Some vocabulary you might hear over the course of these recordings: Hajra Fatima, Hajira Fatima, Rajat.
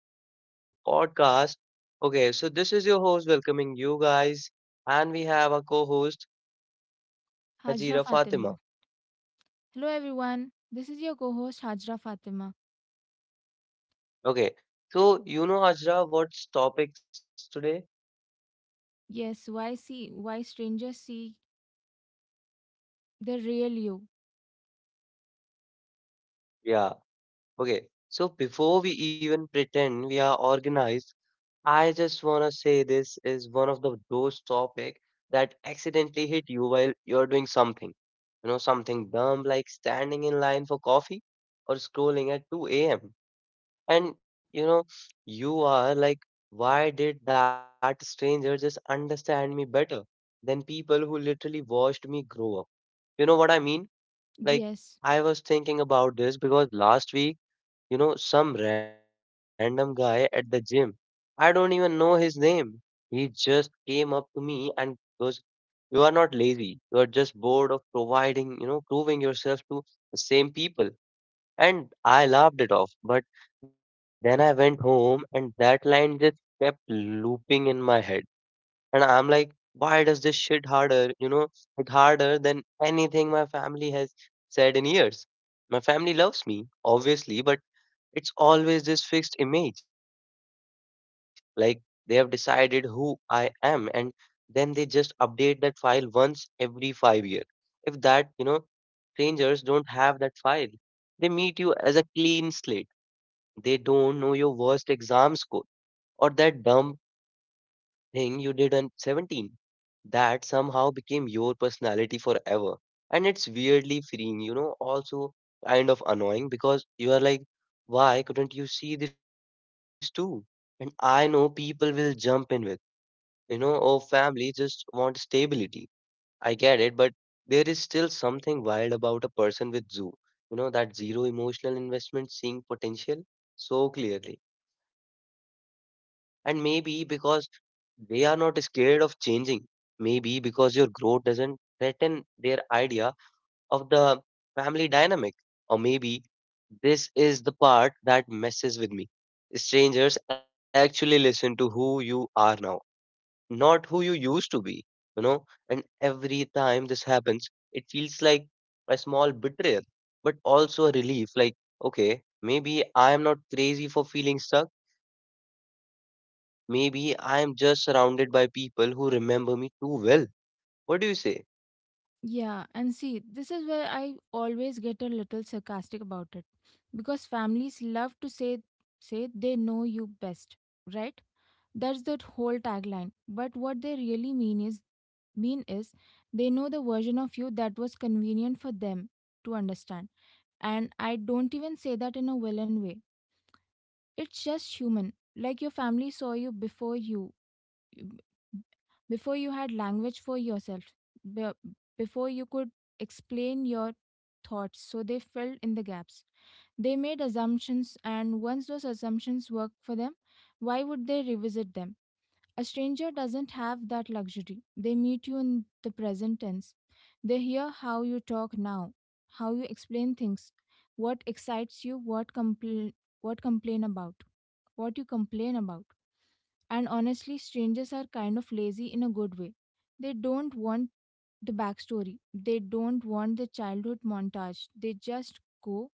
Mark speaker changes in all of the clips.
Speaker 1: back to another podcast. Okay, so this is your host welcoming you guys, and we have our co host,
Speaker 2: Hajra
Speaker 1: Hajira
Speaker 2: Fatima.
Speaker 1: Fatima.
Speaker 2: Hello, everyone. This is your co host, Hajra Fatima.
Speaker 1: Okay, so Hajra, what's topics today?
Speaker 2: Why strangers see the real you?
Speaker 1: Yeah, okay. So before we even pretend we are organized, I just want to say this is one of the those topic that accidentally hit you while you're doing something. You know, something dumb like standing in line for coffee or scrolling at 2 a.m. And you know, you are like, why did that stranger just understand me better than people who literally watched me grow up? You know what I mean? Like,
Speaker 2: Yes,
Speaker 1: I was thinking about this because last week, some random guy at the gym, I don't even know his name. He just came up to me and goes, you are not lazy. You are just bored of providing, proving yourself to the same people. And I laughed it off. But then I went home and that line just kept looping in my head. And I'm like, why does this shit harder? It harder than anything my family has said in years. My family loves me, obviously, but it's always this fixed image. Like they have decided who I am and then they just update that file once every 5 years. If that, strangers don't have that file, they meet you as a clean slate. They don't know your worst exam score or that dumb thing you did on 17. That somehow became your personality forever. And it's weirdly freeing, also kind of annoying because you are like, why couldn't you see this too? And I know people will jump in with, oh, family just want stability. I get it, but there is still something wild about a person with zoo, you know, that zero emotional investment seeing potential so clearly. And maybe because they are not scared of changing, maybe because your growth doesn't threaten their idea of the family dynamic, or maybe this is the part that messes with me. Strangers actually listen to who you are now, not who you used to be, you know. And every time this happens, it feels like a small betrayal, but also a relief like, okay, maybe I am not crazy for feeling stuck. Maybe I am just surrounded by people who remember me too well. What do you say?
Speaker 2: Yeah. And see, this is where I always get a little sarcastic about it because families love to say, they know you best, right? That's the whole tagline. But what they really mean is they know the version of you that was convenient for them to understand. And I don't even say that in a villain way. It's just human. Like your family saw you before you had language for yourself, be- before you could explain your thoughts, so they filled in the gaps. They made assumptions, and once those assumptions worked for them, why would they revisit them? A stranger doesn't have that luxury. They meet you in the present tense. They hear how you talk now, how you explain things, what excites you, what you complain about. And honestly, strangers are kind of lazy in a good way. They don't want the backstory. They don't want the childhood montage. They just go,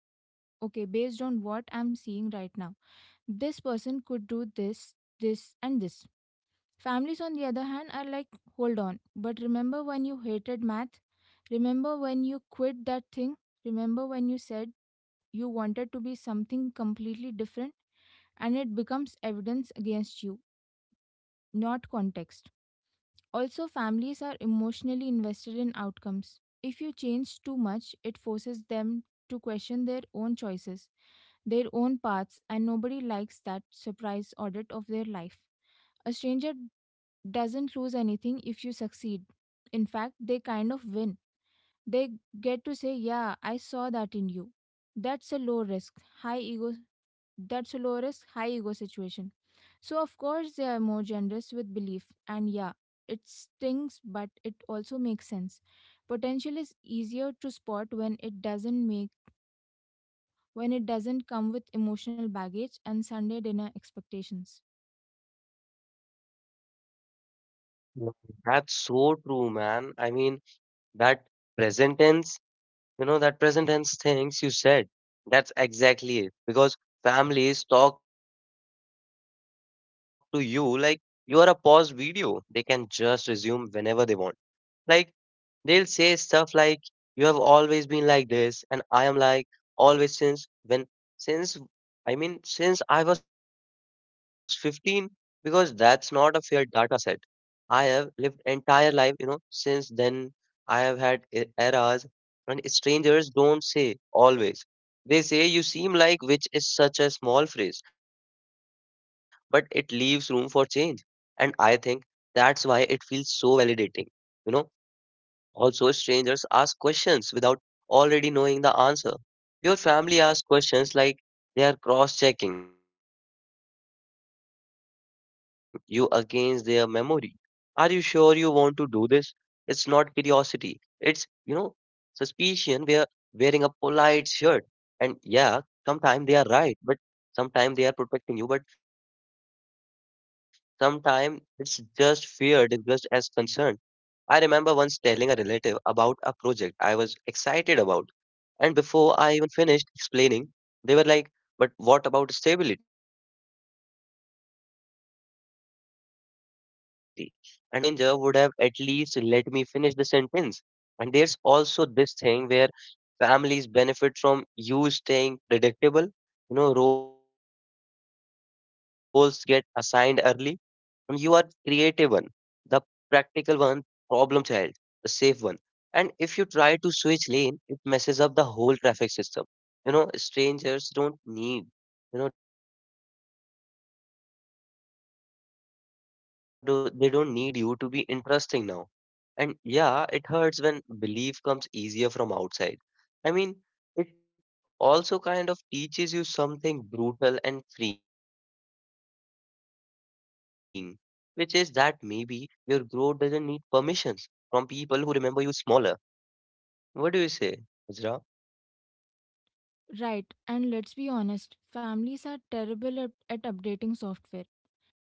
Speaker 2: okay, based on what I'm seeing right now, this person could do this, this, and this. Families, on the other hand, are like, hold on, but remember when you hated math? Remember when you quit that thing? Remember when you said you wanted to be something completely different? And it becomes evidence against you, not context. Also, families are emotionally invested in outcomes. If you change too much, it forces them to question their own choices, their own paths, and nobody likes that surprise audit of their life. A stranger doesn't lose anything if you succeed. In fact, they kind of win. They get to say, "Yeah, I saw that in you." That's a low risk, high ego. That's a low risk, high ego situation. So, of course, they are more generous with belief. And yeah, it stings, but it also makes sense. Potential is easier to spot when it doesn't make when it doesn't come with emotional baggage and Sunday dinner expectations.
Speaker 1: Yeah. That's so true, man. I mean, that present tense that present tense things you said, that's exactly it. Because families talk to you like you are a paused video. They can just resume whenever they want. Like, they'll say stuff like, you have always been like this, and I am like, always since when, since, I mean, since I was 15, because that's not a fair data set. I have lived entire life, since then. I have had eras, and strangers don't say always. They say you seem like, which is such a small phrase, but it leaves room for change. And I think that's why it feels so validating. You know, Also, strangers ask questions without already knowing the answer. Your family asks questions like they are cross checking you against their memory. Are you sure you want to do this? It's not curiosity. It's, suspicion. We're wearing a polite shirt. And yeah, sometimes they are right, but sometimes they are protecting you, but sometimes it's just fear disguised as concern. I remember once telling a relative about a project I was excited about, and before I even finished explaining, they were like, but what about stability? And I hadn't even reached the unstable part yet. A stranger would have at least let me finish the sentence. And there's also this thing where families benefit from you staying predictable, roles get assigned early. You are creative one, the practical one, problem child, the safe one. And if you try to switch lane, it messes up the whole traffic system. You know, strangers don't need, you know, do, they don't need you to be consistent with your past. They just need you to be interesting now. And yeah, it hurts when belief comes easier from outside. I mean, it also kind of teaches you something brutal and freeing, which is that maybe your growth doesn't need permissions from people who remember you smaller. What do you say, Azra?
Speaker 2: Right, and let's be honest, families are terrible at updating software.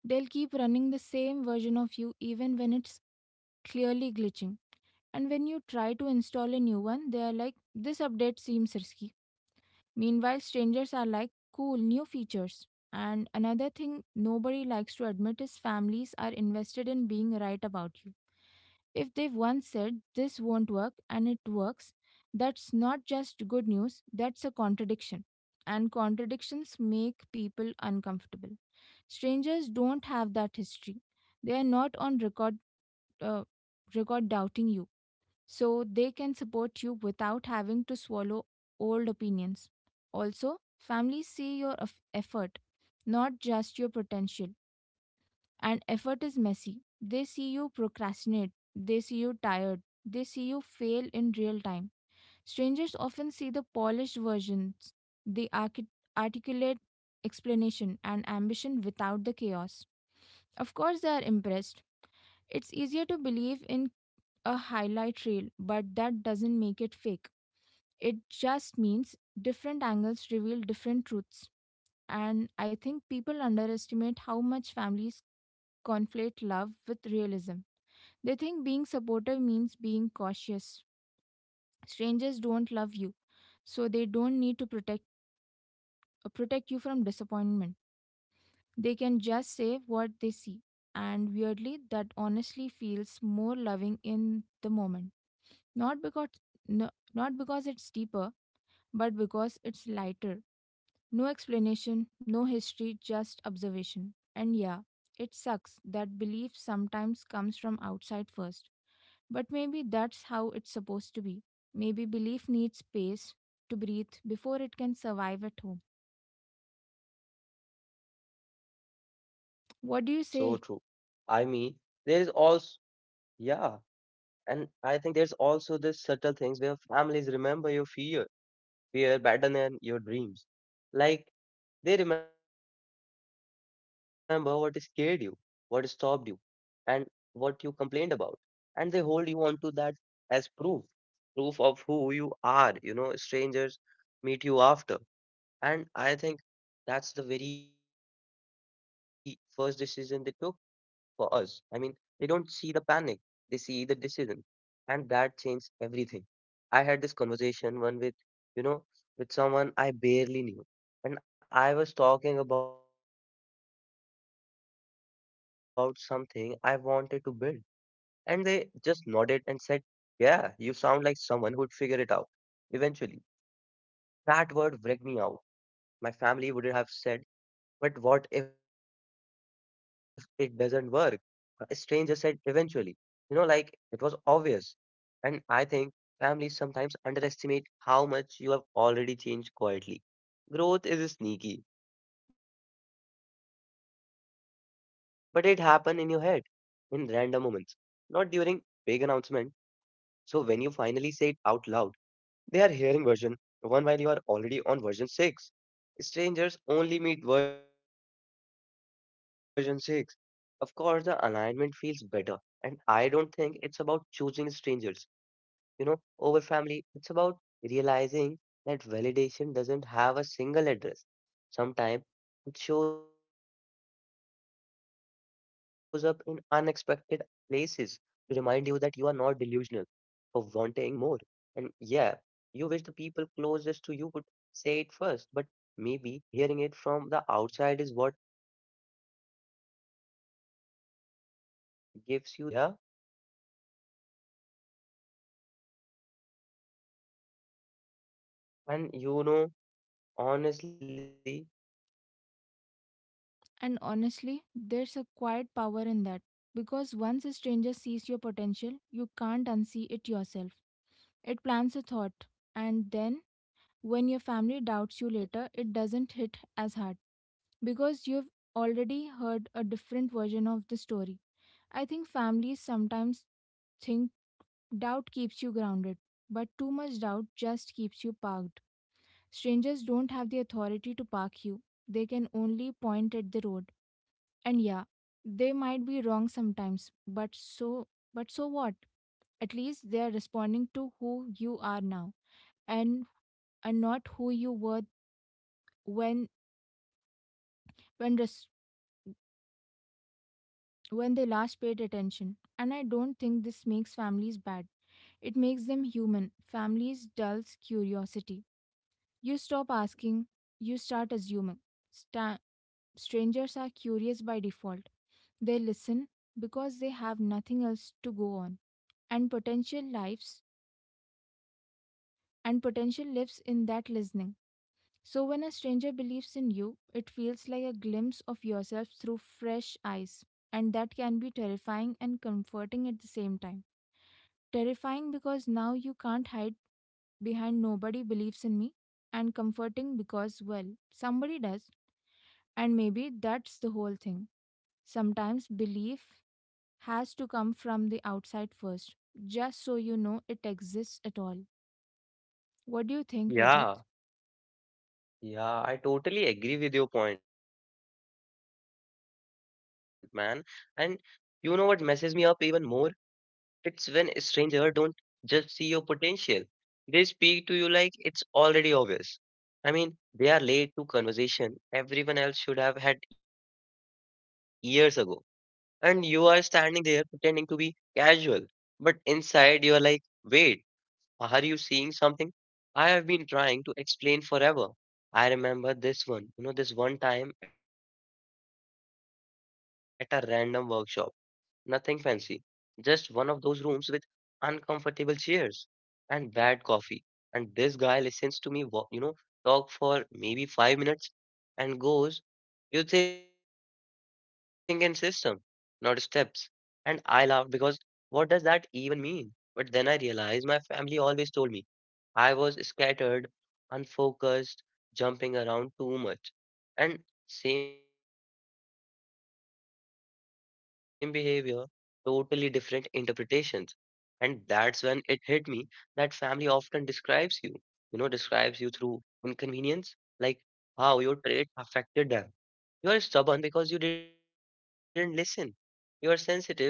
Speaker 2: They'll keep running the same version of you even when it's clearly glitching. And when you try to install a new one, they are like, this update seems risky. Meanwhile, strangers are like, cool, new features. And another thing nobody likes to admit is families are invested in being right about you if they've once said this won't work and it works, that's not just good news, that's a contradiction. And contradictions make people uncomfortable. Strangers don't have that history. They are not on uh, record doubting you. So they can support you without having to swallow old opinions. Also, families see your effort, not just your potential. And effort is messy. They see you procrastinate, they see you tired, they see you fail in real time. Strangers often see the polished versions, the articulate explanation, and ambition without the chaos. Of course, they are impressed. It's easier to believe in a highlight reel, but that doesn't make it fake. It just means different angles reveal different truths. And I think people underestimate how much families conflate love with realism. They think being supportive means being cautious. Strangers don't love you, so they don't need to protect you from disappointment. They can just say what they see. And weirdly, that honestly feels more loving in the moment. Not because no, Not because it's deeper, but because it's lighter. No explanation, no history, just observation. And yeah, it sucks that belief sometimes comes from outside first. But maybe that's how it's supposed to be. Maybe belief needs space to breathe before it can survive at home.
Speaker 1: Yeah, man, that's so
Speaker 2: What do
Speaker 1: true.
Speaker 2: you say?
Speaker 1: I mean, there is also, yeah, and I think there's also this subtle things where families remember your fear better than your dreams. Like they remember what scared you, what stopped you, and what you complained about. And they hold you onto that as proof, proof of who you are. You know, strangers meet you after. And I think that's the very first decision they took for us. I mean, they don't see the panic, they see the decision. And that changed everything. I had this conversation one with, you know, with someone I barely knew. And I was talking about something I wanted to build. And they just nodded and said, yeah, you sound like someone who would figure it out eventually. That word wrecked me out. My family wouldn't have said, but what if it doesn't work? A stranger said, eventually. You know, like it was obvious. And I think families sometimes underestimate how much you have already changed quietly. Growth is sneaky, but it happens in your head, in random moments, not during big announcement. So when you finally say it out loud, they are hearing version one while you are already on version six. Strangers only meet version six. Of course, the alignment feels better, and I don't think it's about choosing strangers, you know, over family. It's about realizing that validation doesn't have a single address. Sometimes it shows up in unexpected places to remind you that you are not delusional for wanting more. And yeah, you wish the people closest to you could say it first, but maybe hearing it from the outside is what gives you the confidence to stop waiting for permission inside. Yeah. And you know, honestly,
Speaker 2: And honestly,
Speaker 1: what do you
Speaker 2: there's
Speaker 1: say,
Speaker 2: a
Speaker 1: man?
Speaker 2: quiet power in that. Because once a stranger sees your potential, you can't unsee it yourself. It plants a thought, and then when your family doubts you later, it doesn't hit as hard, because you've already heard a different version of the story. I think families sometimes think doubt keeps you grounded, but too much doubt just keeps you parked. Strangers don't have the authority to park you, they can only point at the road. And yeah, they might be wrong sometimes, but so what? At least they are responding to who you are now and and not who you were when when res- when they last paid attention. And I don't think this makes families bad. It makes them human. Families dulls curiosity. You stop asking, you start assuming. Sta- Strangers are curious by default. They listen because they have nothing else to go on. And potential lives and potential lives in that listening. So when a stranger believes in you, it feels like a glimpse of yourself through fresh eyes. And that can be terrifying and comforting at the same time. Terrifying because now you can't hide behind "nobody believes in me," and comforting because, well, somebody does, and maybe that's the whole thing. Sometimes belief has to come from the outside first, just so you know it exists at all. What do you think, Rajat?
Speaker 1: Yeah, yeah, I totally agree with your point, man. And you know what messes me up even more? It's when a stranger don't just see your potential. They speak to you like it's already obvious. I mean, they are late to conversation everyone else should have had years ago. And you are standing there pretending to be casual. But inside you are like, wait, are you seeing something? I have been trying to explain forever. I remember this one, this one time at a random workshop. Nothing fancy. Just one of those rooms with uncomfortable chairs and bad coffee. And this guy listens to me, talk for maybe 5 minutes and goes, you think in system, not steps. And I laughed because what does that even mean? But then I realized my family always told me I was scattered, unfocused, jumping around too much. And same behavior, totally different interpretations. And that's when it hit me that family often describes you, describes you through inconvenience, like how your trait affected them. You are stubborn because you didn't listen. You are sensitive because you reacted.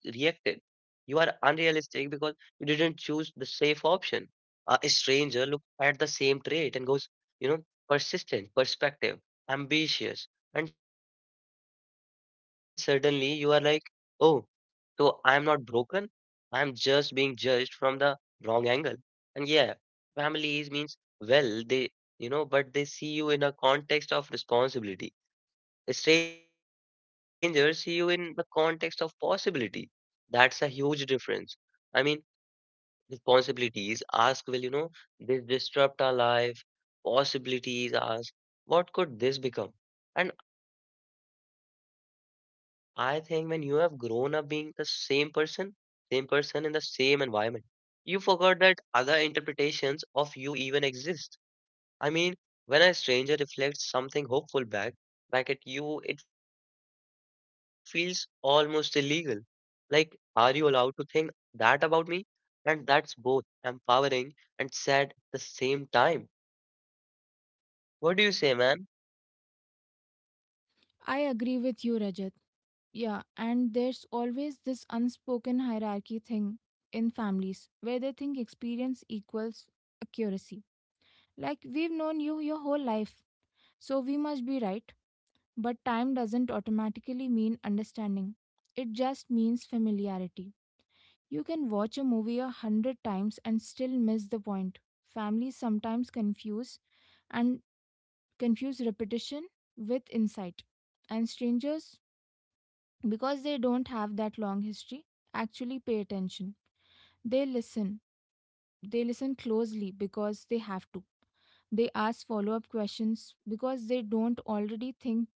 Speaker 1: You are unrealistic because you didn't choose the safe option. A stranger look at the same trait and goes, you know, persistent, perspective, ambitious, and suddenly you are like, oh, so I am not broken. I am just being judged from the wrong angle. And yeah, families means well, they, but they see you in a context of responsibility. Strangers see you in the context of possibility. That's a huge difference. I mean, responsibilities ask, this disrupt our life? Possibilities ask, what could this become? And I think when you have grown up being the same person in the same environment, you forgot that other interpretations of you even exist. I mean, when a stranger reflects something hopeful back at you, it feels almost illegal. Like, are you allowed to think that about me? And that's both empowering and sad at the same time. What do you say, man?
Speaker 2: I agree with you, Rajat. Yeah, and there's always this unspoken hierarchy thing in families where they think experience equals accuracy. Like, we've known you your whole life, so we must be right. But time doesn't automatically mean understanding, it just means familiarity. You can watch a movie a hundred times and still miss the point. Families sometimes and confuse repetition with insight. And strangers, because they don't have that long history, actually pay attention. They listen, They listen closely because they have to. They ask follow up questions because they don't already think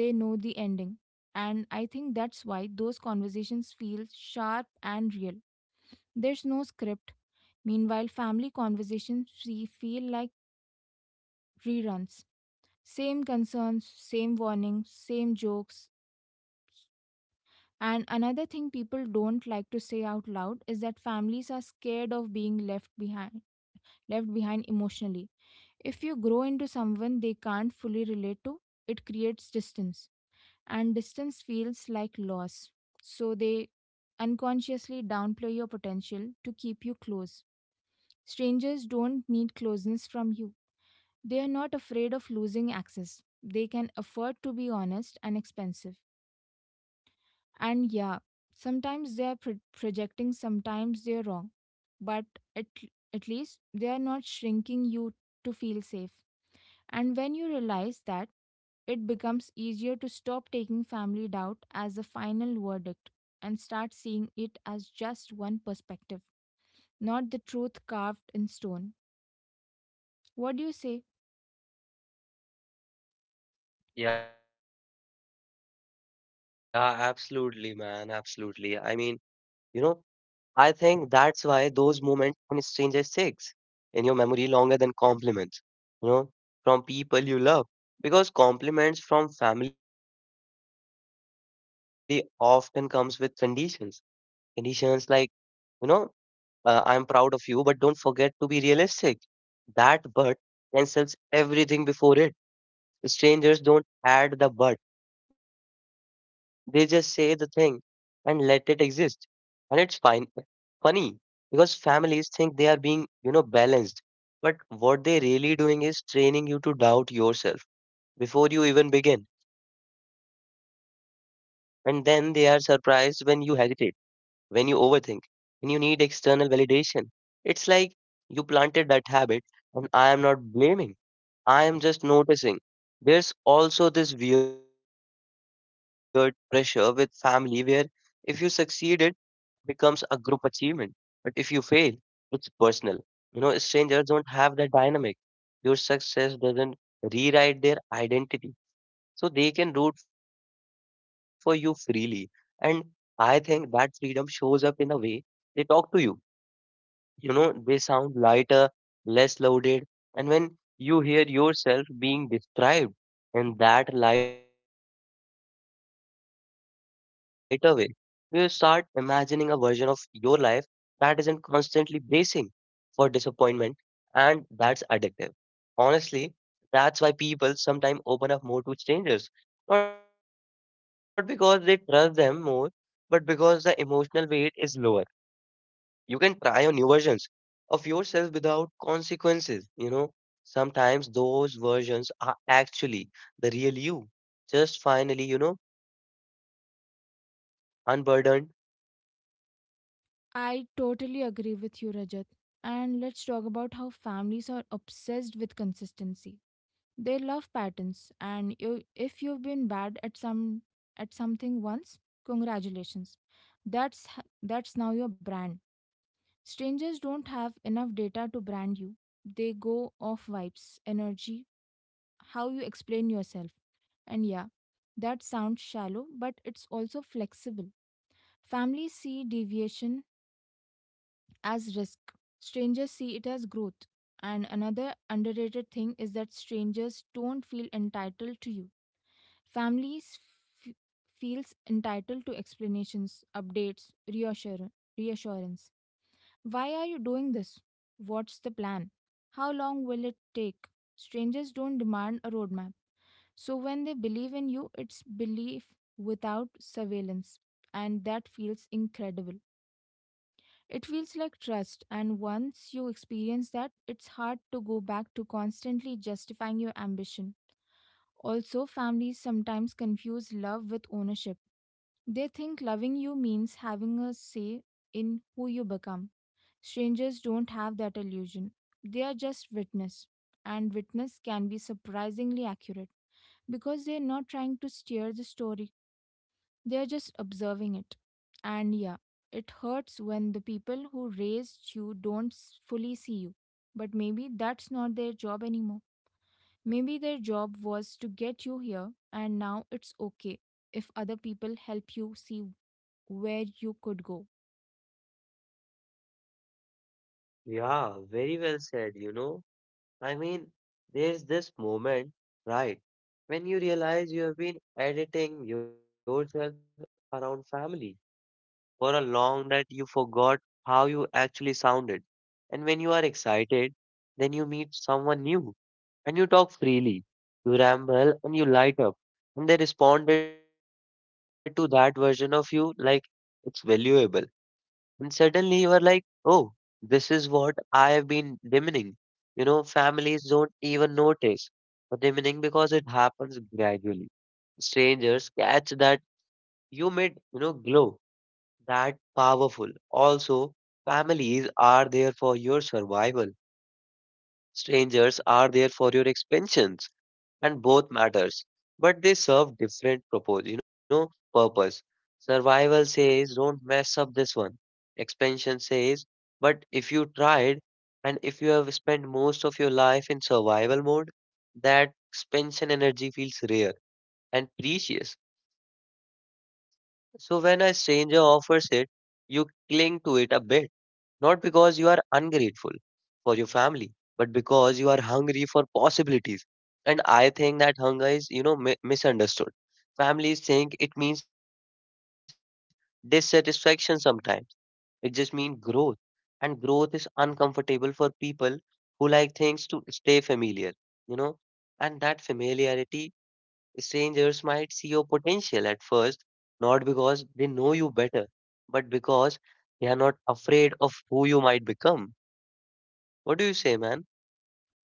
Speaker 2: they know the ending. And I think that's why those conversations feel sharp and real. There's no script. Meanwhile, family conversations feel like reruns. Same concerns, same warnings, same jokes. And another thing people don't like to say out loud is that families are scared of being left behind emotionally. If you grow into someone they can't fully relate to, it creates distance, and distance feels like loss. So they unconsciously downplay your potential to keep you close. Strangers don't need closeness from you, they are not afraid of losing access. They can afford to be honest and expensive. And yeah, sometimes they are projecting, sometimes they are wrong, but at, at least they are not shrinking you to feel safe. And when you realize that, it becomes easier to stop taking family doubt as the final verdict and start seeing it as just one perspective, not the truth carved in stone. What do you say?
Speaker 1: Yeah, absolutely, man. Absolutely. I mean, you know, I think that's why those moments on strangers sticks in your memory longer than compliments, you know, from people you love. Because compliments from family often comes with conditions. Conditions like, you know, I am proud of you, but don't forget to be realistic. That but cancels everything before it. Strangers don't add the but. They just say the thing and let it exist, and it's fine but funny because families think they are being balanced, but what they're really doing is training you to doubt yourself before you even begin. And then they are surprised when you hesitate, when you overthink, when you need external validation. It's like you planted that habit. And I am not blaming, I am just noticing. There's also this weird pressure with family where if you succeeded becomes a group achievement. But if you fail, it's personal. You know, strangers don't have that dynamic. Your success doesn't rewrite their identity. So they can root for you freely. And I think that freedom shows up in the way they talk to you. They sound lighter, less loaded, and when you hear yourself being described in that lighter way, you start imagining a version of your life that isn't constantly bracing for disappointment, and that's addictive. Honestly, that's why people sometimes open up more to strangers, not because they trust them more, but because the emotional weight is lower. You can try on new versions of yourself without consequences. Sometimes those versions are actually the real you. Just finally, unburdened.
Speaker 2: I totally agree with you, Rajat. And let's talk about how families are obsessed with consistency. They love patterns, and you, if you've been bad at some at something once, congratulations. That's that's now your brand. Strangers don't have enough data to brand you. They go off vibes, energy, how you explain yourself. And yeah, that sounds shallow, but it's also flexible. Families see deviation as risk, strangers see it as growth. And another underrated thing is that strangers don't feel entitled to you. Families f- feels entitled to explanations, updates, reassurance. Why are you doing this? What's the plan? How long will it take? Strangers don't demand a roadmap. So when they believe in you, it's belief without surveillance. And that feels incredible. It feels like trust. And once you experience that, it's hard to go back to constantly justifying your ambition. Also, families sometimes confuse love with ownership. They think loving you means having a say in who you become. Strangers don't have that illusion. They are just witness, and witness can be surprisingly accurate because they're not trying to steer the story, they're just observing it. And yeah, it hurts when the people who raised you don't s- fully see you. But maybe that's not their job anymore. Maybe their job was to get you here, and now it's okay if other people help you see where you could go.
Speaker 1: Yeah, very well said. I mean, there's this moment, right, when you realize you have been editing yourself around family for a long that you forgot how you actually sounded. And when you are excited, then you meet someone new and you talk freely. You ramble and you light up. And they responded to that version of you like it's valuable. And suddenly you are like, oh, this is what I have been dimming. Families don't even notice for dimming because it happens gradually. Strangers catch that you made, glow. That powerful. Also, families are there for your survival. Strangers are there for your expansions, and both matters, but they serve different purpose you know purpose Survival says don't mess up this one. Expansion says but if you tried. And if you have spent most of your life in survival mode, that expansion energy feels rare and precious. So when a stranger offers it, you cling to it a bit, not because you are ungrateful for your family, but because you are hungry for possibilities. And I think that hunger is, misunderstood. Families think it means dissatisfaction sometimes. It just means growth. And growth is uncomfortable for people who like things to stay familiar, you know. And that familiarity. Strangers might see your potential at first, not because they know you better, but because they are not afraid of who you might become. What do you say, man?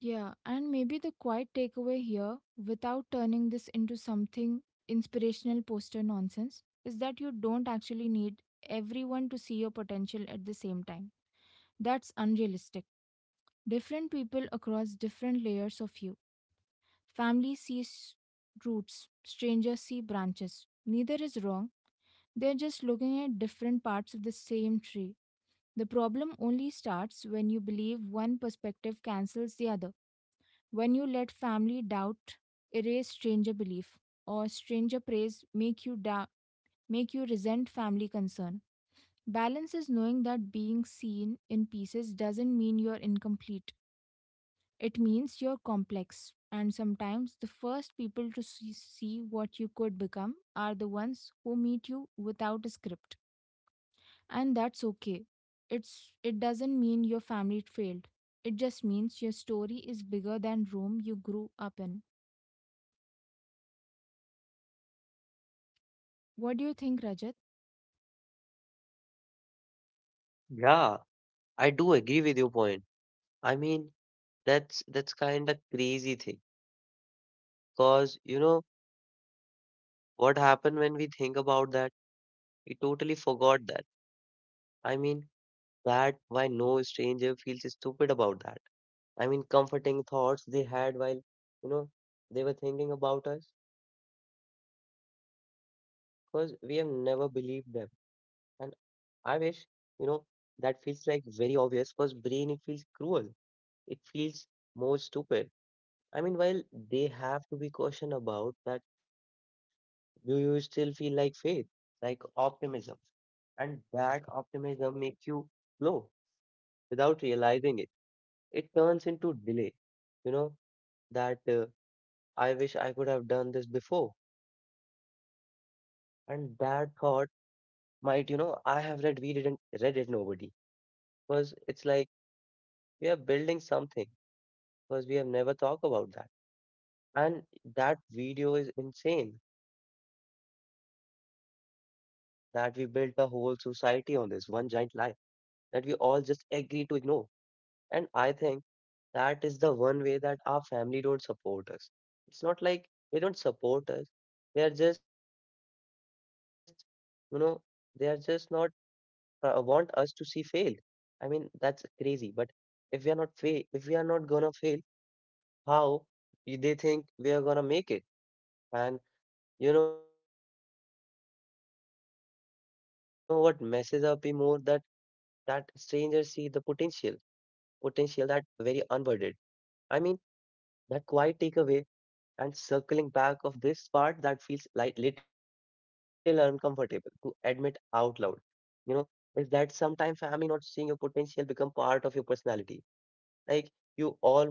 Speaker 2: Yeah, and maybe the quiet takeaway here, without turning this into something inspirational poster nonsense, is that you don't actually need everyone to see your potential at the same time. That's unrealistic. Different people across different layers of you. Family sees roots, strangers see branches. Neither is wrong, they're just looking at different parts of the same tree. The problem only starts when you believe one perspective cancels the other. When you let family doubt erase stranger belief, or stranger praise make you resent family concern. Balance is knowing that being seen in pieces doesn't mean you're incomplete. It means you're complex. And sometimes the first people to see what you could become are the ones who meet you without a script. And that's okay. It's it doesn't mean your family failed. It just means your story is bigger than room you grew up in. What do you think, Rajat?
Speaker 1: Yeah, I do agree with your point. I mean, that's kind of crazy thing. Cause you know what happened when we think about that? We totally forgot that. I mean, that why no stranger feels stupid about that. I mean, comforting thoughts they had while you know they were thinking about us. Because we have never believed them. And I wish, you know, that feels like very obvious because brain it feels cruel. It feels more stupid. I mean, while they have to be cautioned about that, do you still feel like faith, like optimism? And that optimism makes you slow without realizing it. It turns into delay, you know, that I wish I could have done this before. And that thought might, I have read, we didn't read it, nobody. Because it's like we are building something because we have never talked about that. And that video is insane that we built a whole society on this one giant lie that we all just agree to ignore. And I think that is the one way that our family don't support us. It's not like they don't support us. They are just, you know, they are just not want us to see fail. I mean, that's crazy. But if we are not gonna fail, how they think we are gonna make it? And you know what messes up me more that strangers see the potential that very unburdened. I mean, that quiet takeaway and circling back of this part that feels like little uncomfortable to admit out loud. You know, is that sometimes family not seeing your potential become part of your personality.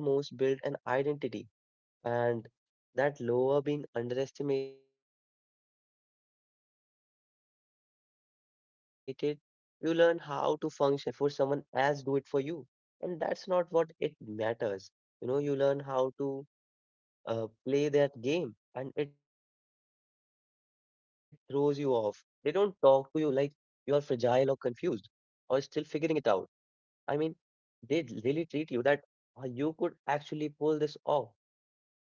Speaker 1: Like you almost build an identity and that lower being underestimated, you learn how to function in that space. You learn how to lower expectation before someone else do it for you. And that's not what it matters. You learn how to play that game and it throws you off. They don't talk to you like you are fragile or confused or still figuring it out. I mean, they really treat you that you could actually pull this off.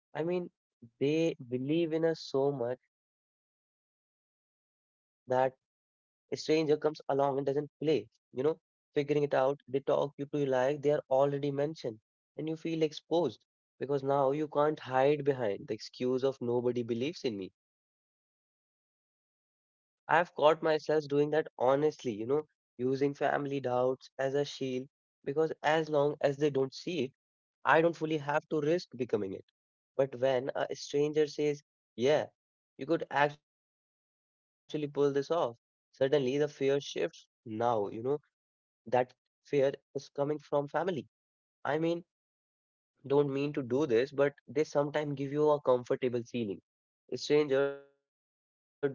Speaker 1: I mean, they believe in us so much that a stranger comes along and doesn't play, you know, figuring it out. They talk you to you like they are already mentioned, and you feel exposed because now you can't hide behind the excuse of nobody believes in me. I've caught myself doing that honestly, using family doubts as a shield because as long as they don't see it, I don't fully have to risk becoming it. But when a stranger says, yeah, you could actually pull this off, suddenly the fear shifts now, that fear is coming from family. I mean, don't mean to do this, but they sometimes give you a comfortable feeling. Stranger don't know where you're sealing it.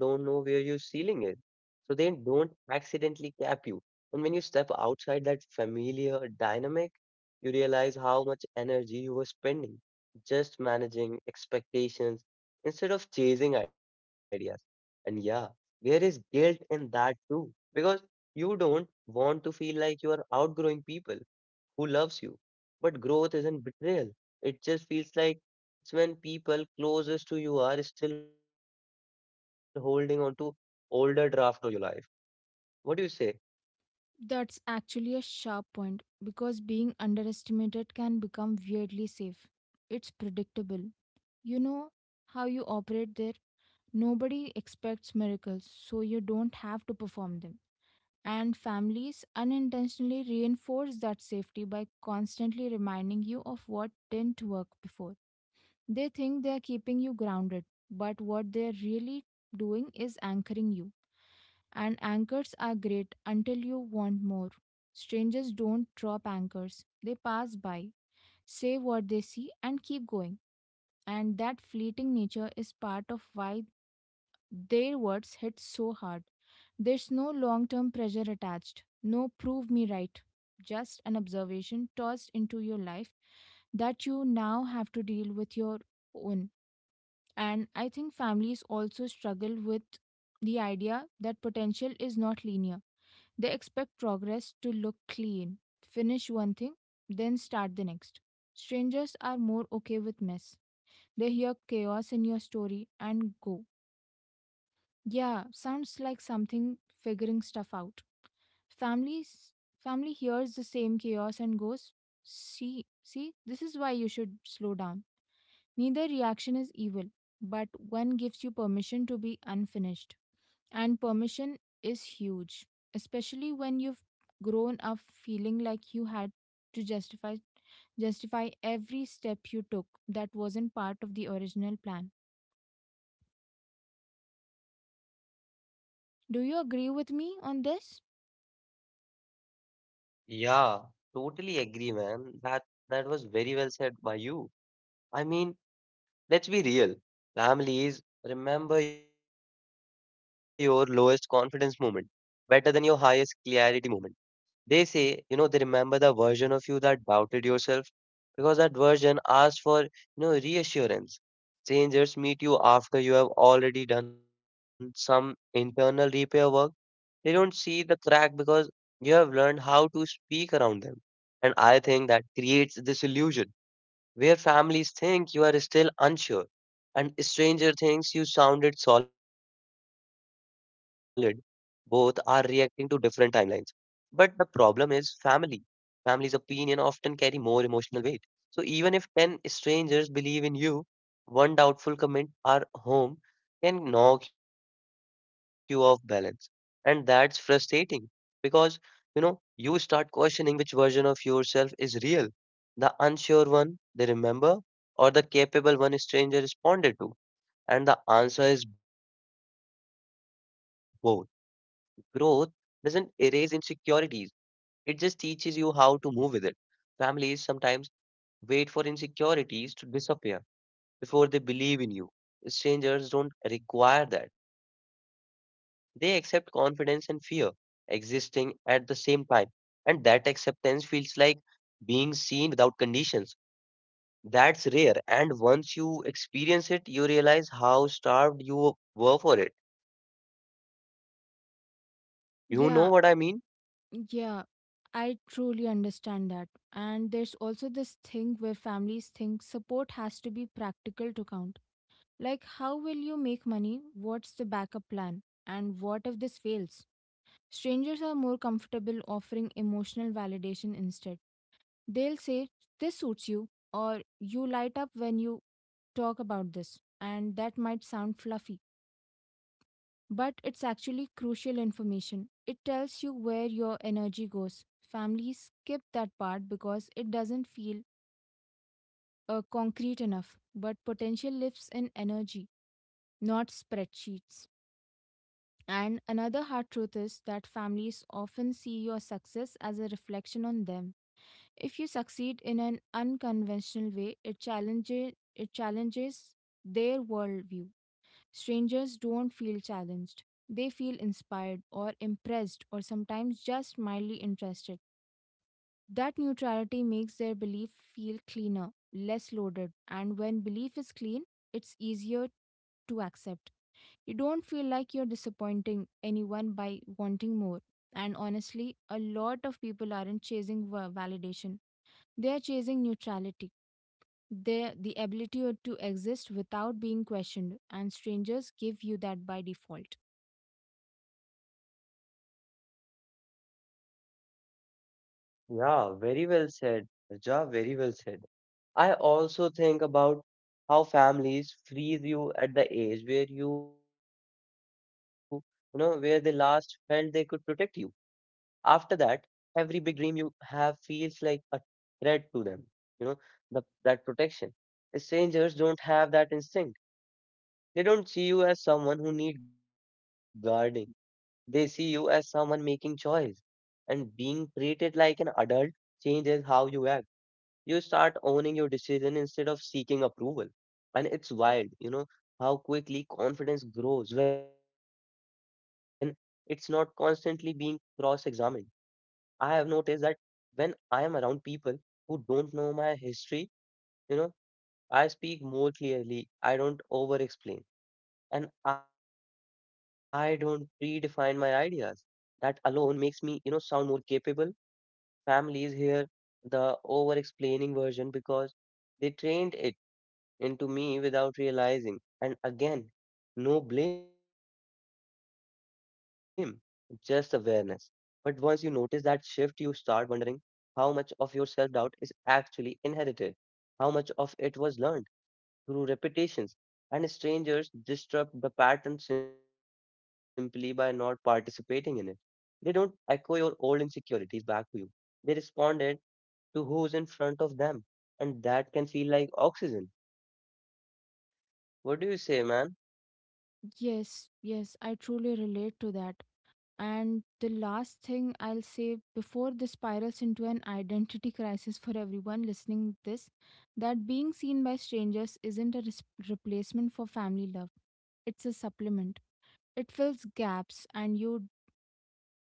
Speaker 1: So they don't accidentally cap you. And when you step outside that familiar dynamic, you realize how much energy you were spending just managing expectations instead of chasing ideas. And yeah, there is guilt in that too, because you don't want to feel like you are outgrowing people who loves you. But growth isn't betrayal. It just feels like it's when people closest to you are still holding on to older draft of your life. What do you say?
Speaker 2: That's actually a sharp point because being underestimated can become weirdly safe. It's predictable. You know how you operate there. Nobody expects miracles, so you don't have to perform them. And families unintentionally reinforce that safety by constantly reminding you of what didn't work before. They think they're keeping you grounded, but what they're really doing is anchoring you. And anchors are great until you want more. Strangers don't drop anchors, they pass by, say what they see, and keep going. And that fleeting nature is part of why their words hit so hard. There's no long term pressure attached, no prove me right, just an observation tossed into your life that you now have to deal with your own. And I think families also struggle with the idea that potential is not linear. They expect progress to look clean, finish one thing, then start the next. Strangers are more okay with mess. They hear chaos in your story and go, yeah, sounds like something figuring stuff out. Families family hears the same chaos and goes, "See, see, this is why you should slow down." Neither reaction is evil, but one gives you permission to be unfinished. And permission is huge, especially when you've grown up feeling like you had to justify every step you took that wasn't part of the original plan. Do you agree with me on this?
Speaker 1: Yeah, totally agree, man. That was very well said by you. I mean, let's be real. Families remember your lowest confidence moment better than your highest clarity moment. They remember the version of you that doubted yourself because that version asked for, reassurance. Strangers meet you after you have already done some internal repair work. They don't see the crack because you have learned how to speak around them. And I think that creates this illusion where families think you are still unsure and stranger thinks you sounded solid. Both are reacting to different timelines but the problem is family. Family's opinion often carry more emotional weight. So even if 10 strangers believe in you, one doubtful comment or home can knock you off balance. And that's frustrating because, you start questioning which version of yourself is real. The unsure one they remember or the capable one a stranger responded to. And the answer is both. Growth doesn't erase insecurities. It just teaches you how to move with it. Families sometimes wait for insecurities to disappear before they believe in you. Strangers don't require that. They accept confidence and fear existing at the same time. And that acceptance feels like being seen without conditions. That's rare. And once you experience it, you realize how starved you were for it. You know what I mean?
Speaker 2: Yeah, yeah. I truly understand that. And there's also this thing where families think support has to be practical to count. Like, how will you make money? What's the backup plan? And what if this fails? Strangers are more comfortable offering emotional validation instead. They'll say, this suits you, or you light up when you talk about this. And that might sound fluffy, but it's actually crucial information. It tells you where your energy goes. Families skip that part because it doesn't feel concrete enough, but potential lives in energy, not spreadsheets. And another hard truth is that families often see your success as a reflection on them. If you succeed in an unconventional way, it challenges their worldview. Strangers don't feel challenged. They feel inspired or impressed or sometimes just mildly interested. That neutrality makes their belief feel cleaner, less loaded, and when belief is clean, it's easier to accept. You don't feel like you're disappointing anyone by wanting more. And honestly, a lot of people aren't chasing validation, they are chasing neutrality, the ability to exist without being questioned, and strangers give you that by default.
Speaker 1: Yeah, very well said, Raja, very well said. I also think about how families freeze you at the age where you know, where they last felt they could protect you. After that, every big dream you have feels like a threat to them. You know, the, that protection. Strangers don't have that instinct. They don't see you as someone who need guarding. They see you as someone making choice. And being treated like an adult changes how you act. You start owning your decision instead of seeking approval. And it's wild, how quickly confidence grows when it's not constantly being cross examined. I have noticed that when I am around people who don't know my history, you know, I speak more clearly, I don't over explain, and I don't predefine my ideas. That alone makes me, sound more capable. Families hear the over explaining version because they trained it into me without realizing. And again, no blame, just awareness. But once you notice that shift, you start wondering how much of your self doubt is actually inherited, how much of it was learned through repetitions. And strangers disrupt the pattern simply by not participating in it. They don't echo your old insecurities back to you. They responded to who's in front of them. And that can feel like oxygen. What do you say, man?
Speaker 2: Yes, yes, I truly relate to that. And the last thing I'll say before this spirals into an identity crisis for everyone listening this, that being seen by strangers isn't a replacement for family love. It's a supplement. It fills gaps and you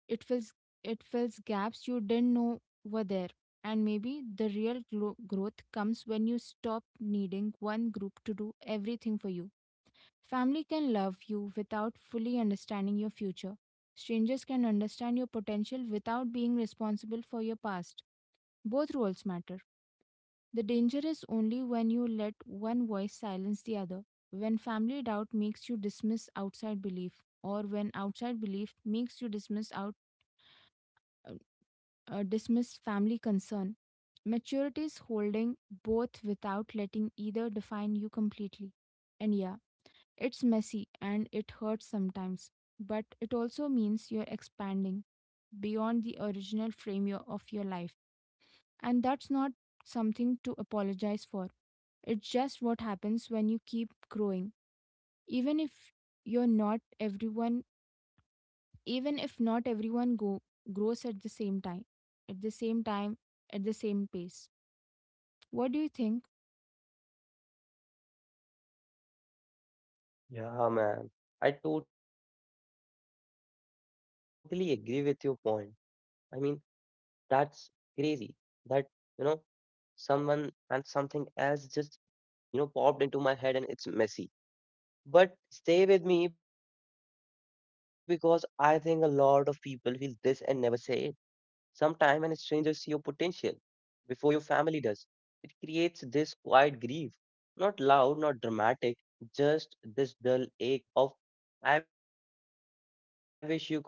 Speaker 2: It fills it fills gaps you didn't know were there. And maybe the real growth comes when you stop needing one group to do everything for you. Family can love you without fully understanding your future. Strangers can understand your potential without being responsible for your past. Both roles matter. The danger is only when you let one voice silence the other, when family doubt makes you dismiss outside belief, or when outside belief makes you dismissed family concern. Maturity is holding both without letting either define you completely. And yeah, it's messy and it hurts sometimes, but it also means you're expanding beyond the original frame of your life. And that's not something to apologize for. It's just what happens when you keep growing. Even if you're not everyone even if not grows at the same time at the same pace. What do you think?
Speaker 1: Yeah, man. I totally agree with your point. I mean, that's crazy that, you know, someone and something else just, popped into my head and it's messy. But stay with me because I think a lot of people feel this and never say it. Sometimes when strangers see your potential, before your family does, it creates this quiet grief, not loud, not dramatic, just this dull ache of, I wish you could see me like this.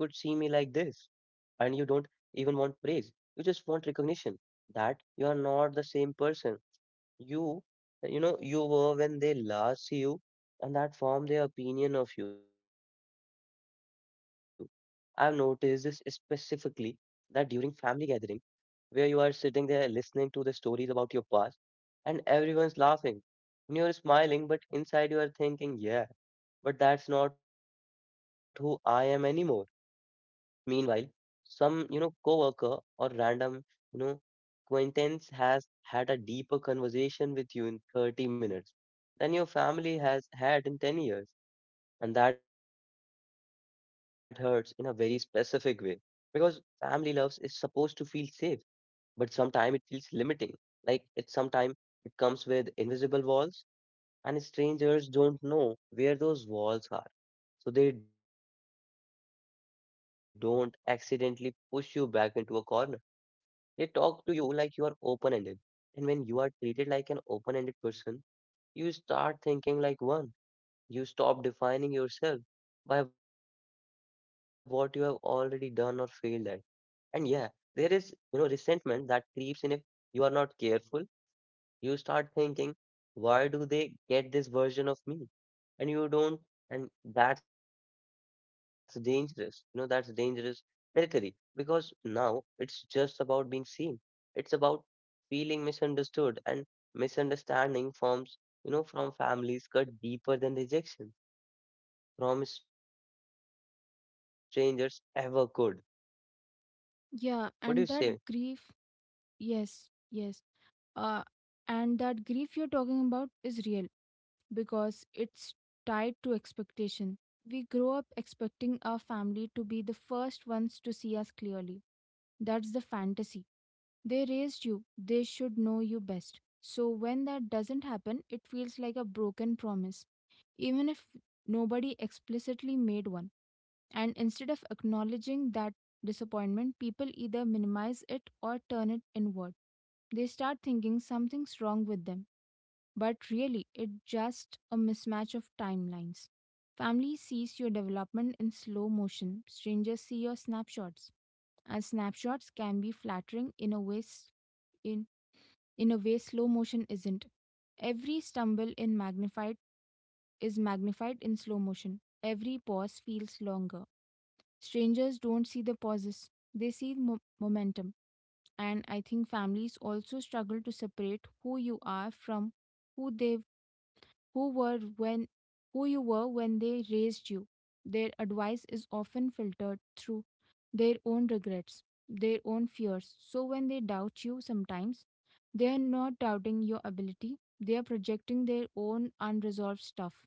Speaker 1: And you don't even want praise, you just want recognition that you are not the same person you, you were when they last see you, and that form their opinion of you. I've noticed this specifically that during family gatherings where you are sitting there listening to the stories about your past and everyone's laughing. And you're smiling, but inside you are thinking, yeah, but that's not who I am anymore. Meanwhile, some coworker or random, you know, acquaintance has had a deeper conversation with you in 30 minutes than your family has had in 10 years. And that hurts in a very specific way because family loves is supposed to feel safe but sometimes it feels limiting. Like it sometimes it comes with invisible walls, and strangers don't know where those walls are. So they don't accidentally push you back into a corner. They talk to you like you are open ended. And when you are treated like an open ended person, you start thinking like one. You stop defining yourself by what you have already done or failed at. And yeah, there is resentment that creeps in if you are not careful. You start thinking, why do they get this version of me? And you don't, and that's dangerous. You know, that's dangerous territory because now it's just about being seen. It's about feeling misunderstood and misunderstanding forms from families cut deeper than rejection from strangers ever could. What do you say?
Speaker 2: Yeah, and that grief yes yes uh and that grief you're talking about is real because it's tied to expectation. We grow up expecting our family to be the first ones to see us clearly. That's the fantasy. They raised you, they should know you best. So when that doesn't happen, it feels like a broken promise, even if nobody explicitly made one. And instead of acknowledging that disappointment, people either minimize it or turn it inward. They start thinking something's wrong with them, but really, it's just a mismatch of timelines. Family sees your development in slow motion, strangers see your snapshots. And snapshots can be flattering in a way in, in a way slow motion isn't. Every stumble in magnified is magnified in slow motion. Every pause feels longer. Strangers don't see the pauses, they see momentum. And I think families also struggle to separate who you are from who they who were when who you were when they raised you. Their advice is often filtered through their own regrets, their own fears. So when they doubt you sometimes, they are not doubting your ability, they are projecting their own unresolved stuff.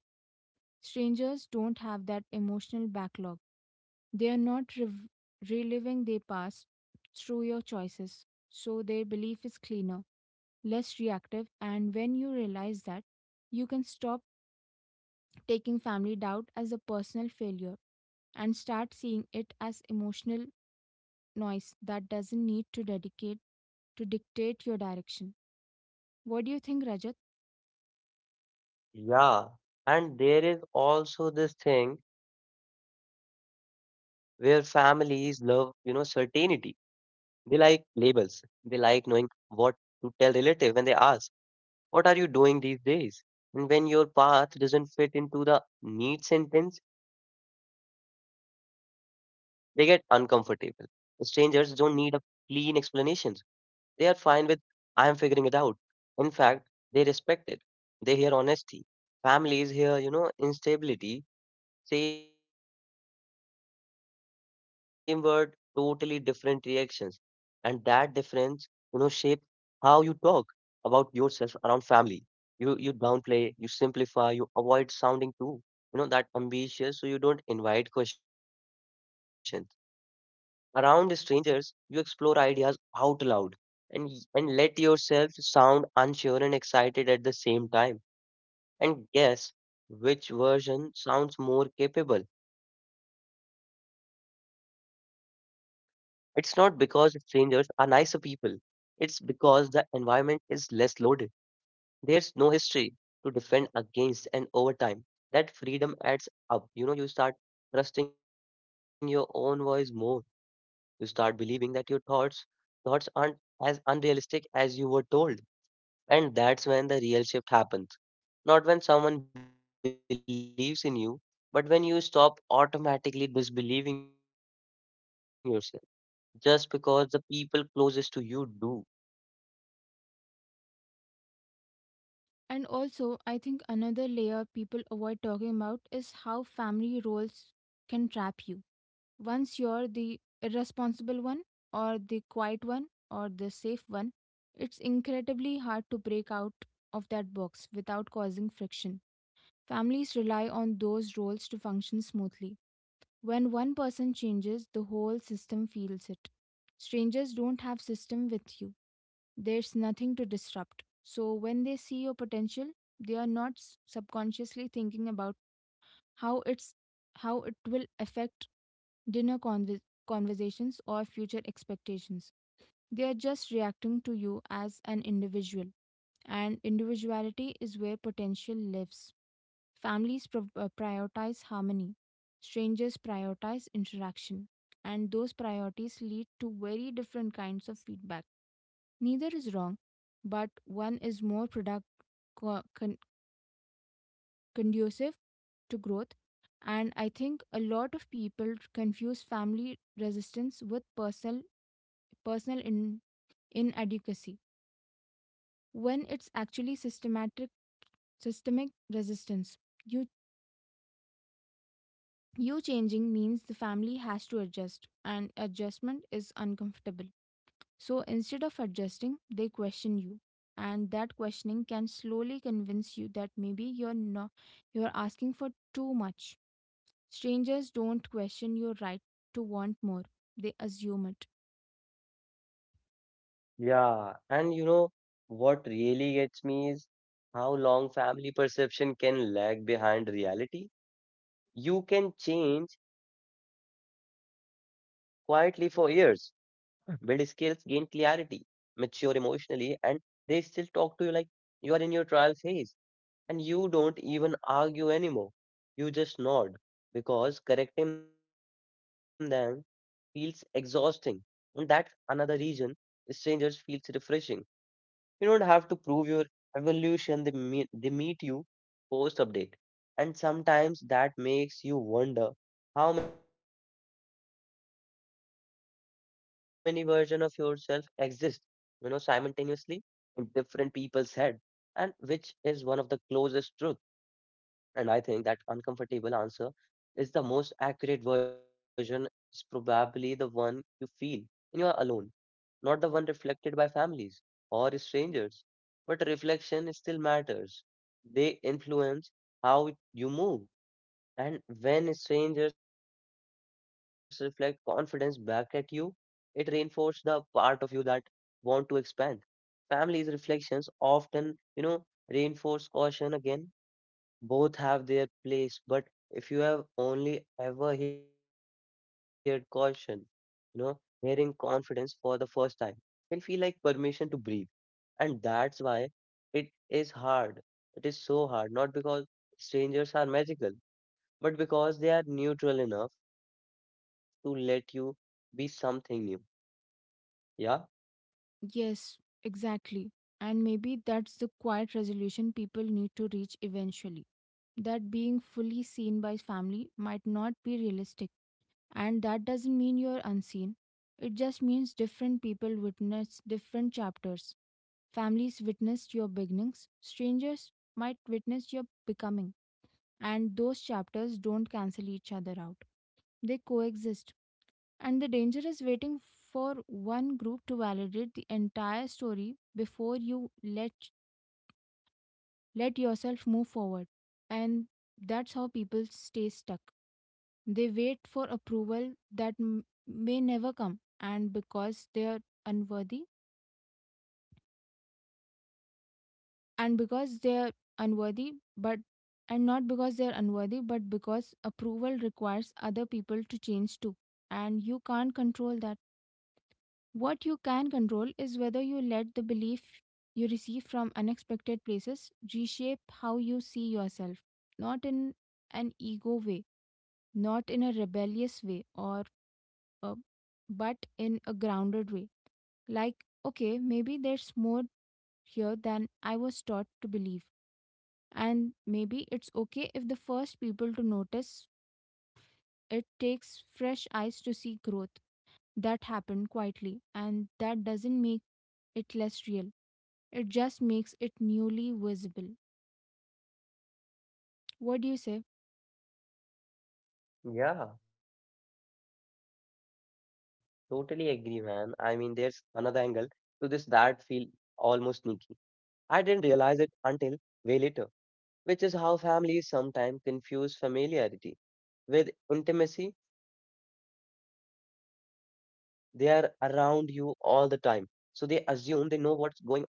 Speaker 2: Strangers don't have that emotional backlog. They are not reliving their past through your choices, so their belief is cleaner, less reactive, and when you realize that, you can stop taking family doubt as a personal failure and start seeing it as emotional noise that doesn't need to dictate your direction. What do you think, Rajat?
Speaker 1: Yeah, and there is also this thing where families love certainty. They like labels. They like knowing what to tell relative when they ask, "What are you doing these days?" And when your path doesn't fit into the neat sentence, they get uncomfortable. Strangers don't need a clean explanation. They are fine with, I am figuring it out. In fact, they respect it. They hear honesty. Families hear instability, same word, totally different reactions. And that difference shape how you talk about yourself around family. You downplay, you simplify, you avoid sounding too, you know, that ambitious so you don't invite questions. Around strangers, you explore ideas out loud and, and let yourself sound unsure and excited at the same time. And guess which version sounds more capable? It's not because strangers are nicer people, it's because the environment is less loaded. There's no history to defend against, and over time, that freedom adds up. You know, you start trusting your own voice more you start believing that your thoughts aren't as unrealistic as you were told. And that's when the real shift happens. Not when someone believes in you, but when you stop automatically disbelieving yourself just because the people closest to you do.
Speaker 2: And also, I think another layer people avoid talking about is how family roles can trap you. Once you're the irresponsible one, or the quiet one, or the safe one, it's incredibly hard to break out of that box without causing friction. Families rely on those roles to function smoothly. When one person changes, the whole system feels it. Strangers don't have system with you. There's nothing to disrupt. So when they see your potential, they are not subconsciously thinking about how it's how it will affect dinner conver- conversations or future expectations. They are just reacting to you as an individual, and individuality is where potential lives. Families prioritize harmony, strangers prioritize interaction, and those priorities lead to very different kinds of feedback. Neither is wrong, but one is more co- con- conducive to growth. And I think a lot of people confuse family resistance with personal inadequacy when it's actually systematic systemic resistance. You you changing means the family has to adjust, and adjustment is uncomfortable. So instead of adjusting, they question you. And that questioning can slowly convince you that maybe you're not you're asking for too much. Strangers don't question your right to want more. They assume it.
Speaker 1: Yeah, and you know what really gets me is how long family perception can lag behind reality. You can change quietly for years build skills, gain clarity, mature emotionally, and they still talk to you like you are in your trial phase and you don't even argue anymore. You just nod because correcting them feels exhausting. And that's another reason strangers feels refreshing you don't have to prove your evolution. They meet you post update. And sometimes that makes you wonder how many versions of yourself exist, you know, simultaneously in different people's head. And which is one of the closest truth. And I think that uncomfortable answer is the most accurate version is probably the one you feel when you are alone not the one reflected by families or strangers. But reflection still matters. They influence how you move. And when strangers reflect confidence back at you, it reinforces the part of you that want to expand. Families' reflections often reinforce caution again both have their place, but if you have only ever heard caution, you know, hearing confidence for the first time can feel like permission to breathe. And that's why it is hard. It is so hard, not because strangers are magical, but because they are neutral enough to let you be something new. Yeah,
Speaker 2: Yes, exactly. And maybe that's the quiet resolution people need to reach eventually. That being fully seen by family might not be realistic. And that doesn't mean you're unseen. It just means different people witness different chapters. Families witnessed your beginnings, strangers might witness your becoming, and those chapters don't cancel each other out. They coexist. And the danger is waiting for one group to validate the entire story before you let let yourself move forward. And that's how people stay stuck. They wait for approval that may never come, and because they are unworthy, and because they're unworthy but and not because they're unworthy, but because approval requires other people to change too, and you can't control that. What you can control is whether you let the belief you receive from unexpected places reshape how you see yourself, not in an ego way, not in a rebellious way a, but in a grounded way, like, okay, maybe there's more here than I was taught to believe. And maybe it's okay if the first people to notice, it takes fresh eyes to see growth that happened quietly, and that doesn't make it less real. It just makes it newly visible. What do you say?
Speaker 1: yeah, totally agree, man. I mean, there's another angle to this that feel almost sneaky I didn't realize it until way later, which is how families sometimes confuse familiarity with intimacy. They are around you all the time, so they assume they know what's going on inside you.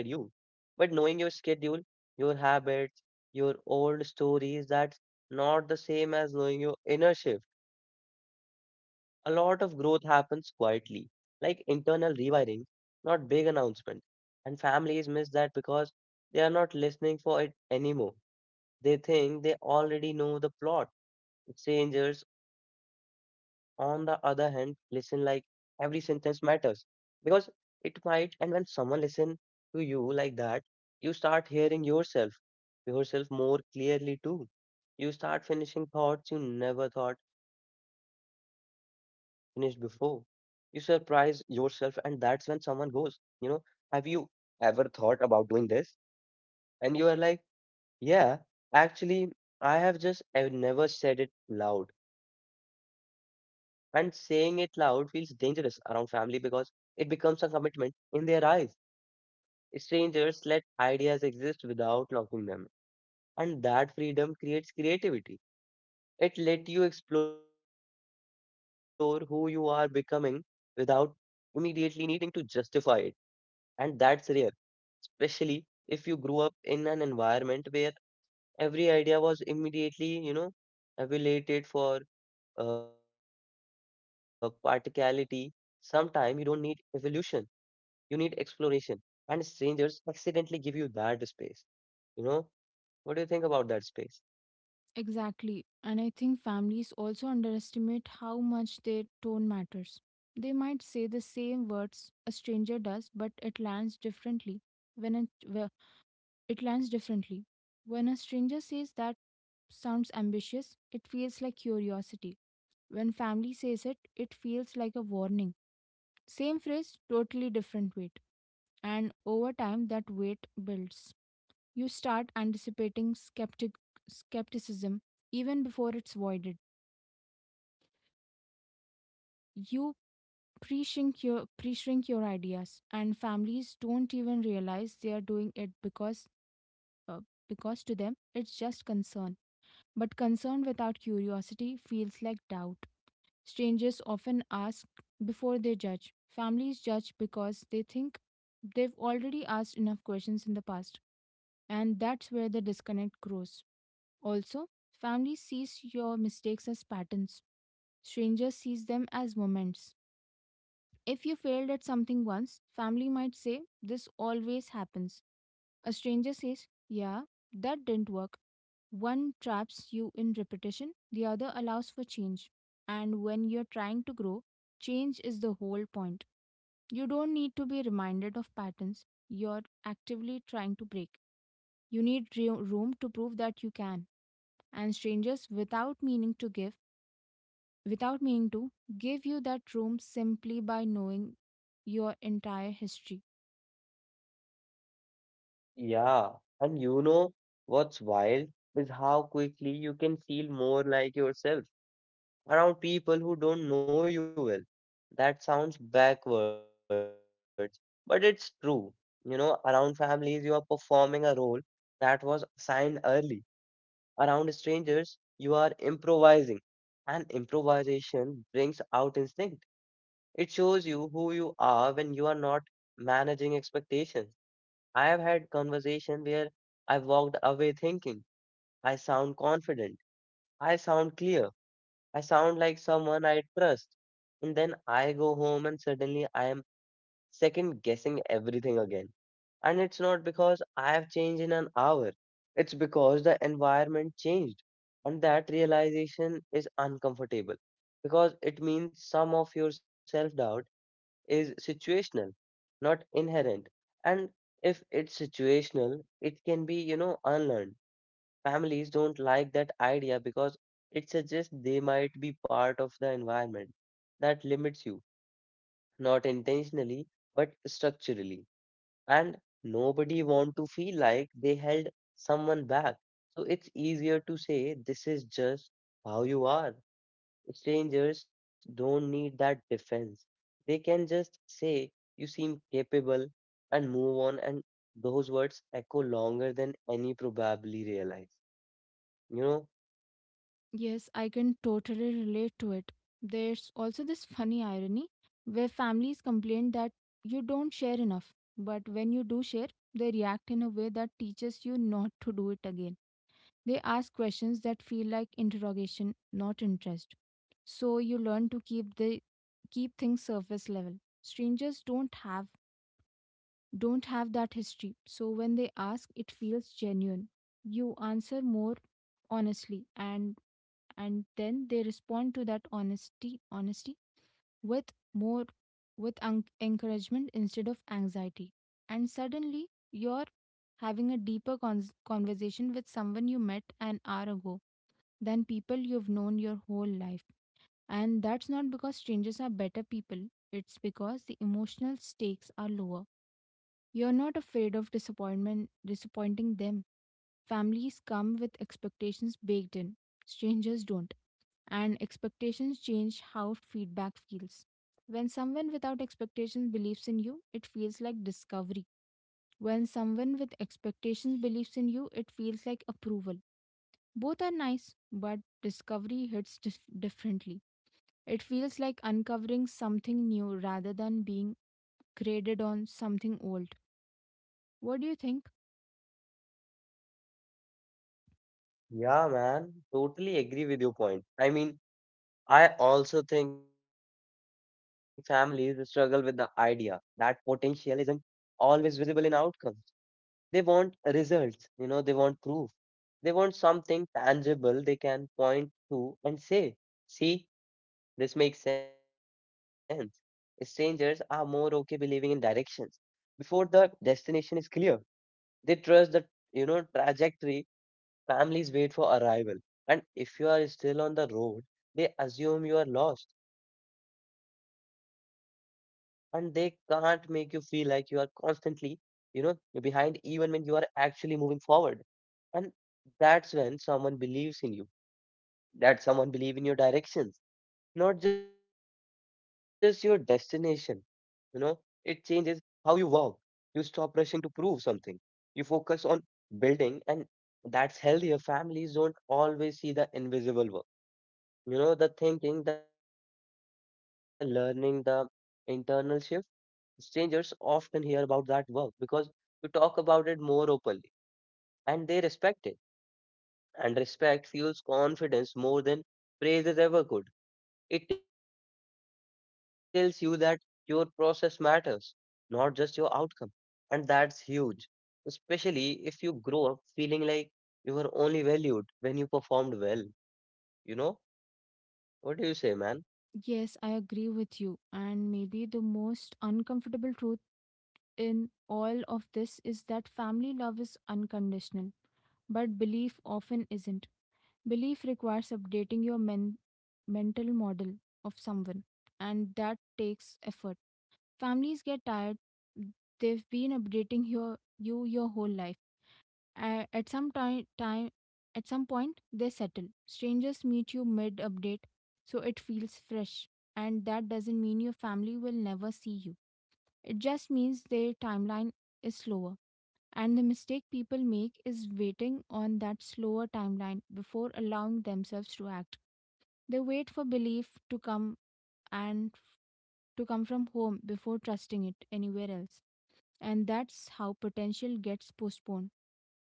Speaker 1: But knowing your schedule, your habits, your old stories, that's not the same as knowing your inner shift a lot of growth happens quietly, like internal rewiring, not big announcement. And families miss that because they are not listening for it anymore. They think they already know the plot. Strangers, on the other hand, listen like every sentence matters because it might. And when someone listens to you like that, you start hearing yourself more clearly too. You start finishing thoughts you never thought finished before. You surprise yourself, and that's when someone goes, you know, have you ever thought about doing this? And you are like, yeah, actually, I have just I've never said it loud and saying it loud feels dangerous around family because it becomes a commitment in their eyes. Strangers let ideas exist without locking them, and that freedom creates creativity. It let you explore who you are becoming without immediately needing to justify it, and that's rare, especially if you grew up in an environment where every idea was immediately evaluated for practicality. Sometimes you don't need evolution, you need exploration. And strangers accidentally give you that space. You know, what do you think about that space?
Speaker 2: Exactly. And I think families also underestimate how much their tone matters. They might say the same words a stranger does, but it lands differently when It lands differently. When a stranger says that sounds ambitious, it feels like curiosity. When family says it, it feels like a warning. Same phrase, totally different weight. And over time, that weight builds. You start anticipating skepticism even before it's voided. You pre-shrink your ideas, and families don't even realize they are doing it uh, because to them, it's just concern. But concern without curiosity feels like doubt. Strangers often ask before they judge. Families judge because they think they've already asked enough questions in the past, and that's where the disconnect grows. Also, family sees your mistakes as patterns. Strangers sees them as moments. If you failed at something once, family might say this always happens. A stranger says, yeah, that didn't work. One traps you in repetition, the other allows for change. And when you're trying to grow, change is the whole point. You don't need to be reminded of patterns you're actively trying to break. You need room to prove that you can. And strangers, without meaning to, give you that room simply by knowing your entire history.
Speaker 1: Yeah. And you know what's wild is how quickly you can feel more like yourself around people who don't know you well. That sounds backwards, but it's true. You know, around families, you are performing a role that was assigned early Around strangers, you are improvising, and improvisation brings out instinct. It shows you who you are when you are not managing expectations. I have had conversation where I walked away thinking, I sound confident, I sound clear, I sound like someone I trust. And then I go home and suddenly I am second guessing everything again. And it's not because I have changed in an hour, it's because the environment changed. And that realization is uncomfortable because it means some of your self doubt is situational, not inherent. And if it's situational, it can be unlearned. Families don't like that idea because it suggests they might be part of the environment that limits you, not intentionally, but structurally and nobody want to feel like they held someone back. So it's easier to say this is just how you are. Strangers don't need that defense. They can just say you seem capable and move on and those words echo longer than any probably realize. You know?
Speaker 2: Yes, I can totally relate to it. There's also this funny irony where families complain that you don't share enough, but when you do share, they react in a way that teaches you not to do it again. They ask questions that feel like interrogation, not interest. So you learn to keep things surface level. Strangers don't have that history. So when they ask, it feels genuine. You answer more honestly, and then they respond to that honesty with encouragement instead of anxiety, and suddenly you're having a deeper cons conversation with someone you met an hour ago than people you've known your whole life. And that's not because strangers are better people, it's because the emotional stakes are lower. You're not afraid of disappointment disappointing them. Families come with expectations baked in, strangers don't. And expectations change how feedback feels. When someone without expectations believes in you, it feels like discovery. When someone with expectations believes in you, it feels like approval. Both are nice, but discovery hits differently. It feels like uncovering something new rather than being graded on something old. What do you think?
Speaker 1: Yeah, man, totally agree with your point. I mean, I also think families struggle with the idea that potential isn't always visible in outcomes. They want results, you know, they want proof. They want something tangible they can point to and say, see, this makes sense. Strangers are more okay believing in directions before the destination is clear. They trust the trajectory Families wait for arrival, and if you are still on the road, they assume you are lost, and they can't make you feel like you are constantly, you know, behind even when you are actually moving forward. And that's when someone believes in you, that someone believe in your direction not just your destination. You know, it changes how you walk. You stop rushing to prove something. You focus on building, and that's healthier. Families don't always see the invisible work. You know, the thinking, the learning, the internal shift. Strangers often hear about that work because you talk about it more openly and they respect it. And respect fuels confidence more than praises ever could. It tells you that your process matters, not just your outcome. And that's huge, especially if you grow up feeling like you were only valued when you performed well. You know? What do you say, man?
Speaker 2: Yes, I agree with you. And maybe the most uncomfortable truth in all of this is that family love is unconditional, but belief often isn't. Belief requires updating your mental model of someone, and that takes effort. Families get tired. They've been updating your whole life. a- At some time, time, at some point, they settle. Strangers meet you mid update, so it feels fresh. And that doesn't mean your family will never see you. It just means their timeline is slower. And the mistake people make is waiting on that slower timeline before allowing themselves to act. They wait for belief to come and to come from home before trusting it anywhere else. And that's how potential gets postponed.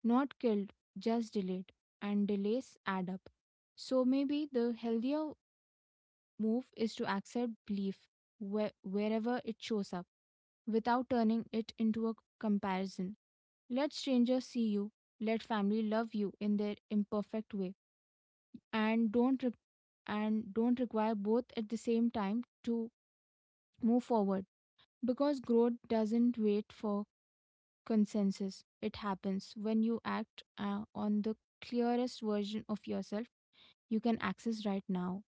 Speaker 2: Not killed, just delayed, and delays add up. So maybe the healthier move is to accept belief wherever it shows up without turning it into a comparison. Let strangers see you, let family love you in their imperfect way, and don't require both at the same time to move forward, because growth doesn't wait for consensus. It happens when you act on the clearest version of yourself you can access right now,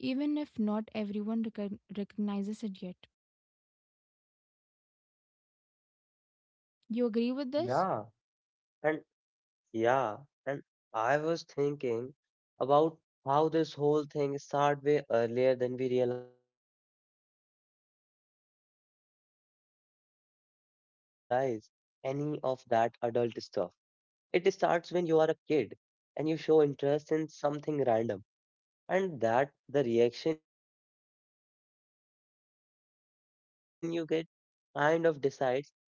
Speaker 2: even if not everyone recognizes it yet. You agree with this?
Speaker 1: Yeah, And yeah, and I was thinking about how this whole thing started way earlier than we realize, like way before careers or big dreams or any of that adult stuff. It starts when you are a kid and you show interest in something random, and that the reaction you get kind of decides how safe it feels to explore things later.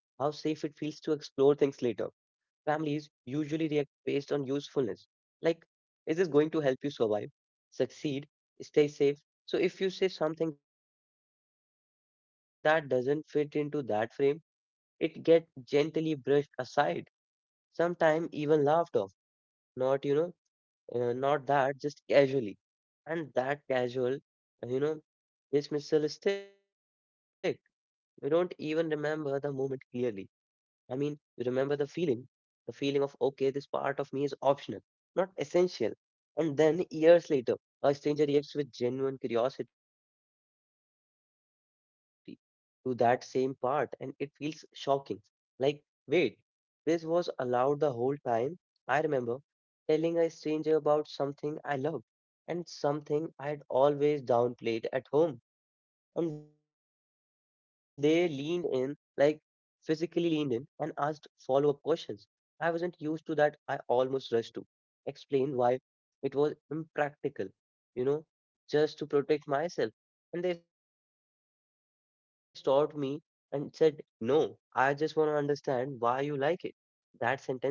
Speaker 1: Families usually react based on usefulness, like, is this going to help you survive, succeed, stay safe? So, if you say something that doesn't fit into that frame, it gets gently brushed aside, sometimes even laughed off, not, you know, not that, just casually. And that casual, uh, you know, dismissal stick. We don't even remember the moment clearly. I mean, remember the feeling of, okay, this part of me is optional, not essential. And then years later, a stranger reacts with genuine curiosity to that same part, and it feels shocking. Like, wait, this was allowed the whole time. I remember telling a stranger about something I loved and something I had always downplayed at home. And they leaned in, like physically leaned in, and asked follow up questions. I wasn't used to that. I almost rushed to explain why it was impractical, you know, just to protect myself. And they stopped me and said, No, I just want to understand why you like it. That sentence alone felt like permission.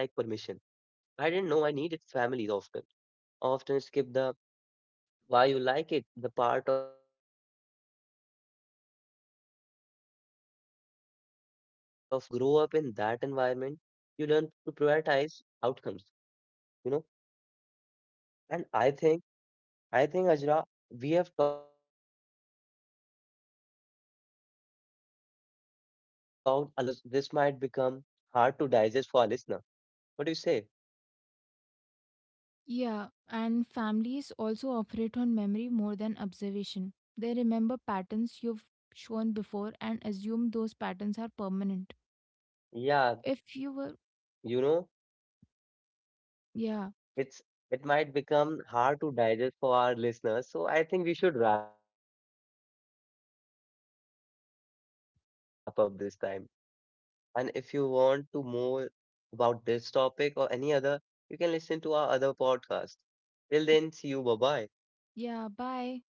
Speaker 1: I didn't know I needed families often. Often skip the why you like it? The part of jump straight to where will this lead? And when you grow up in that environment, you learn to prioritize outcomes, you know? And I think, Ajra, we have talked a lot in this podcast. So we should wrap up because this might become hard to digest for our listener. What do you say?
Speaker 2: Yeah, and families also operate on memory more than observation. They remember patterns you've
Speaker 1: Yeah, that
Speaker 2: shown
Speaker 1: that's
Speaker 2: before
Speaker 1: what
Speaker 2: and
Speaker 1: I said.
Speaker 2: assume those patterns are permanent. If you were,
Speaker 1: You know,
Speaker 2: yeah,
Speaker 1: It's it might become hard to digest for our listeners, so I think we should wrap up this time. This is your host signing off, and if you want to more about this topic or any other, you can listen to our other podcast. Till then, see you. Bye bye.
Speaker 2: yeah, bye.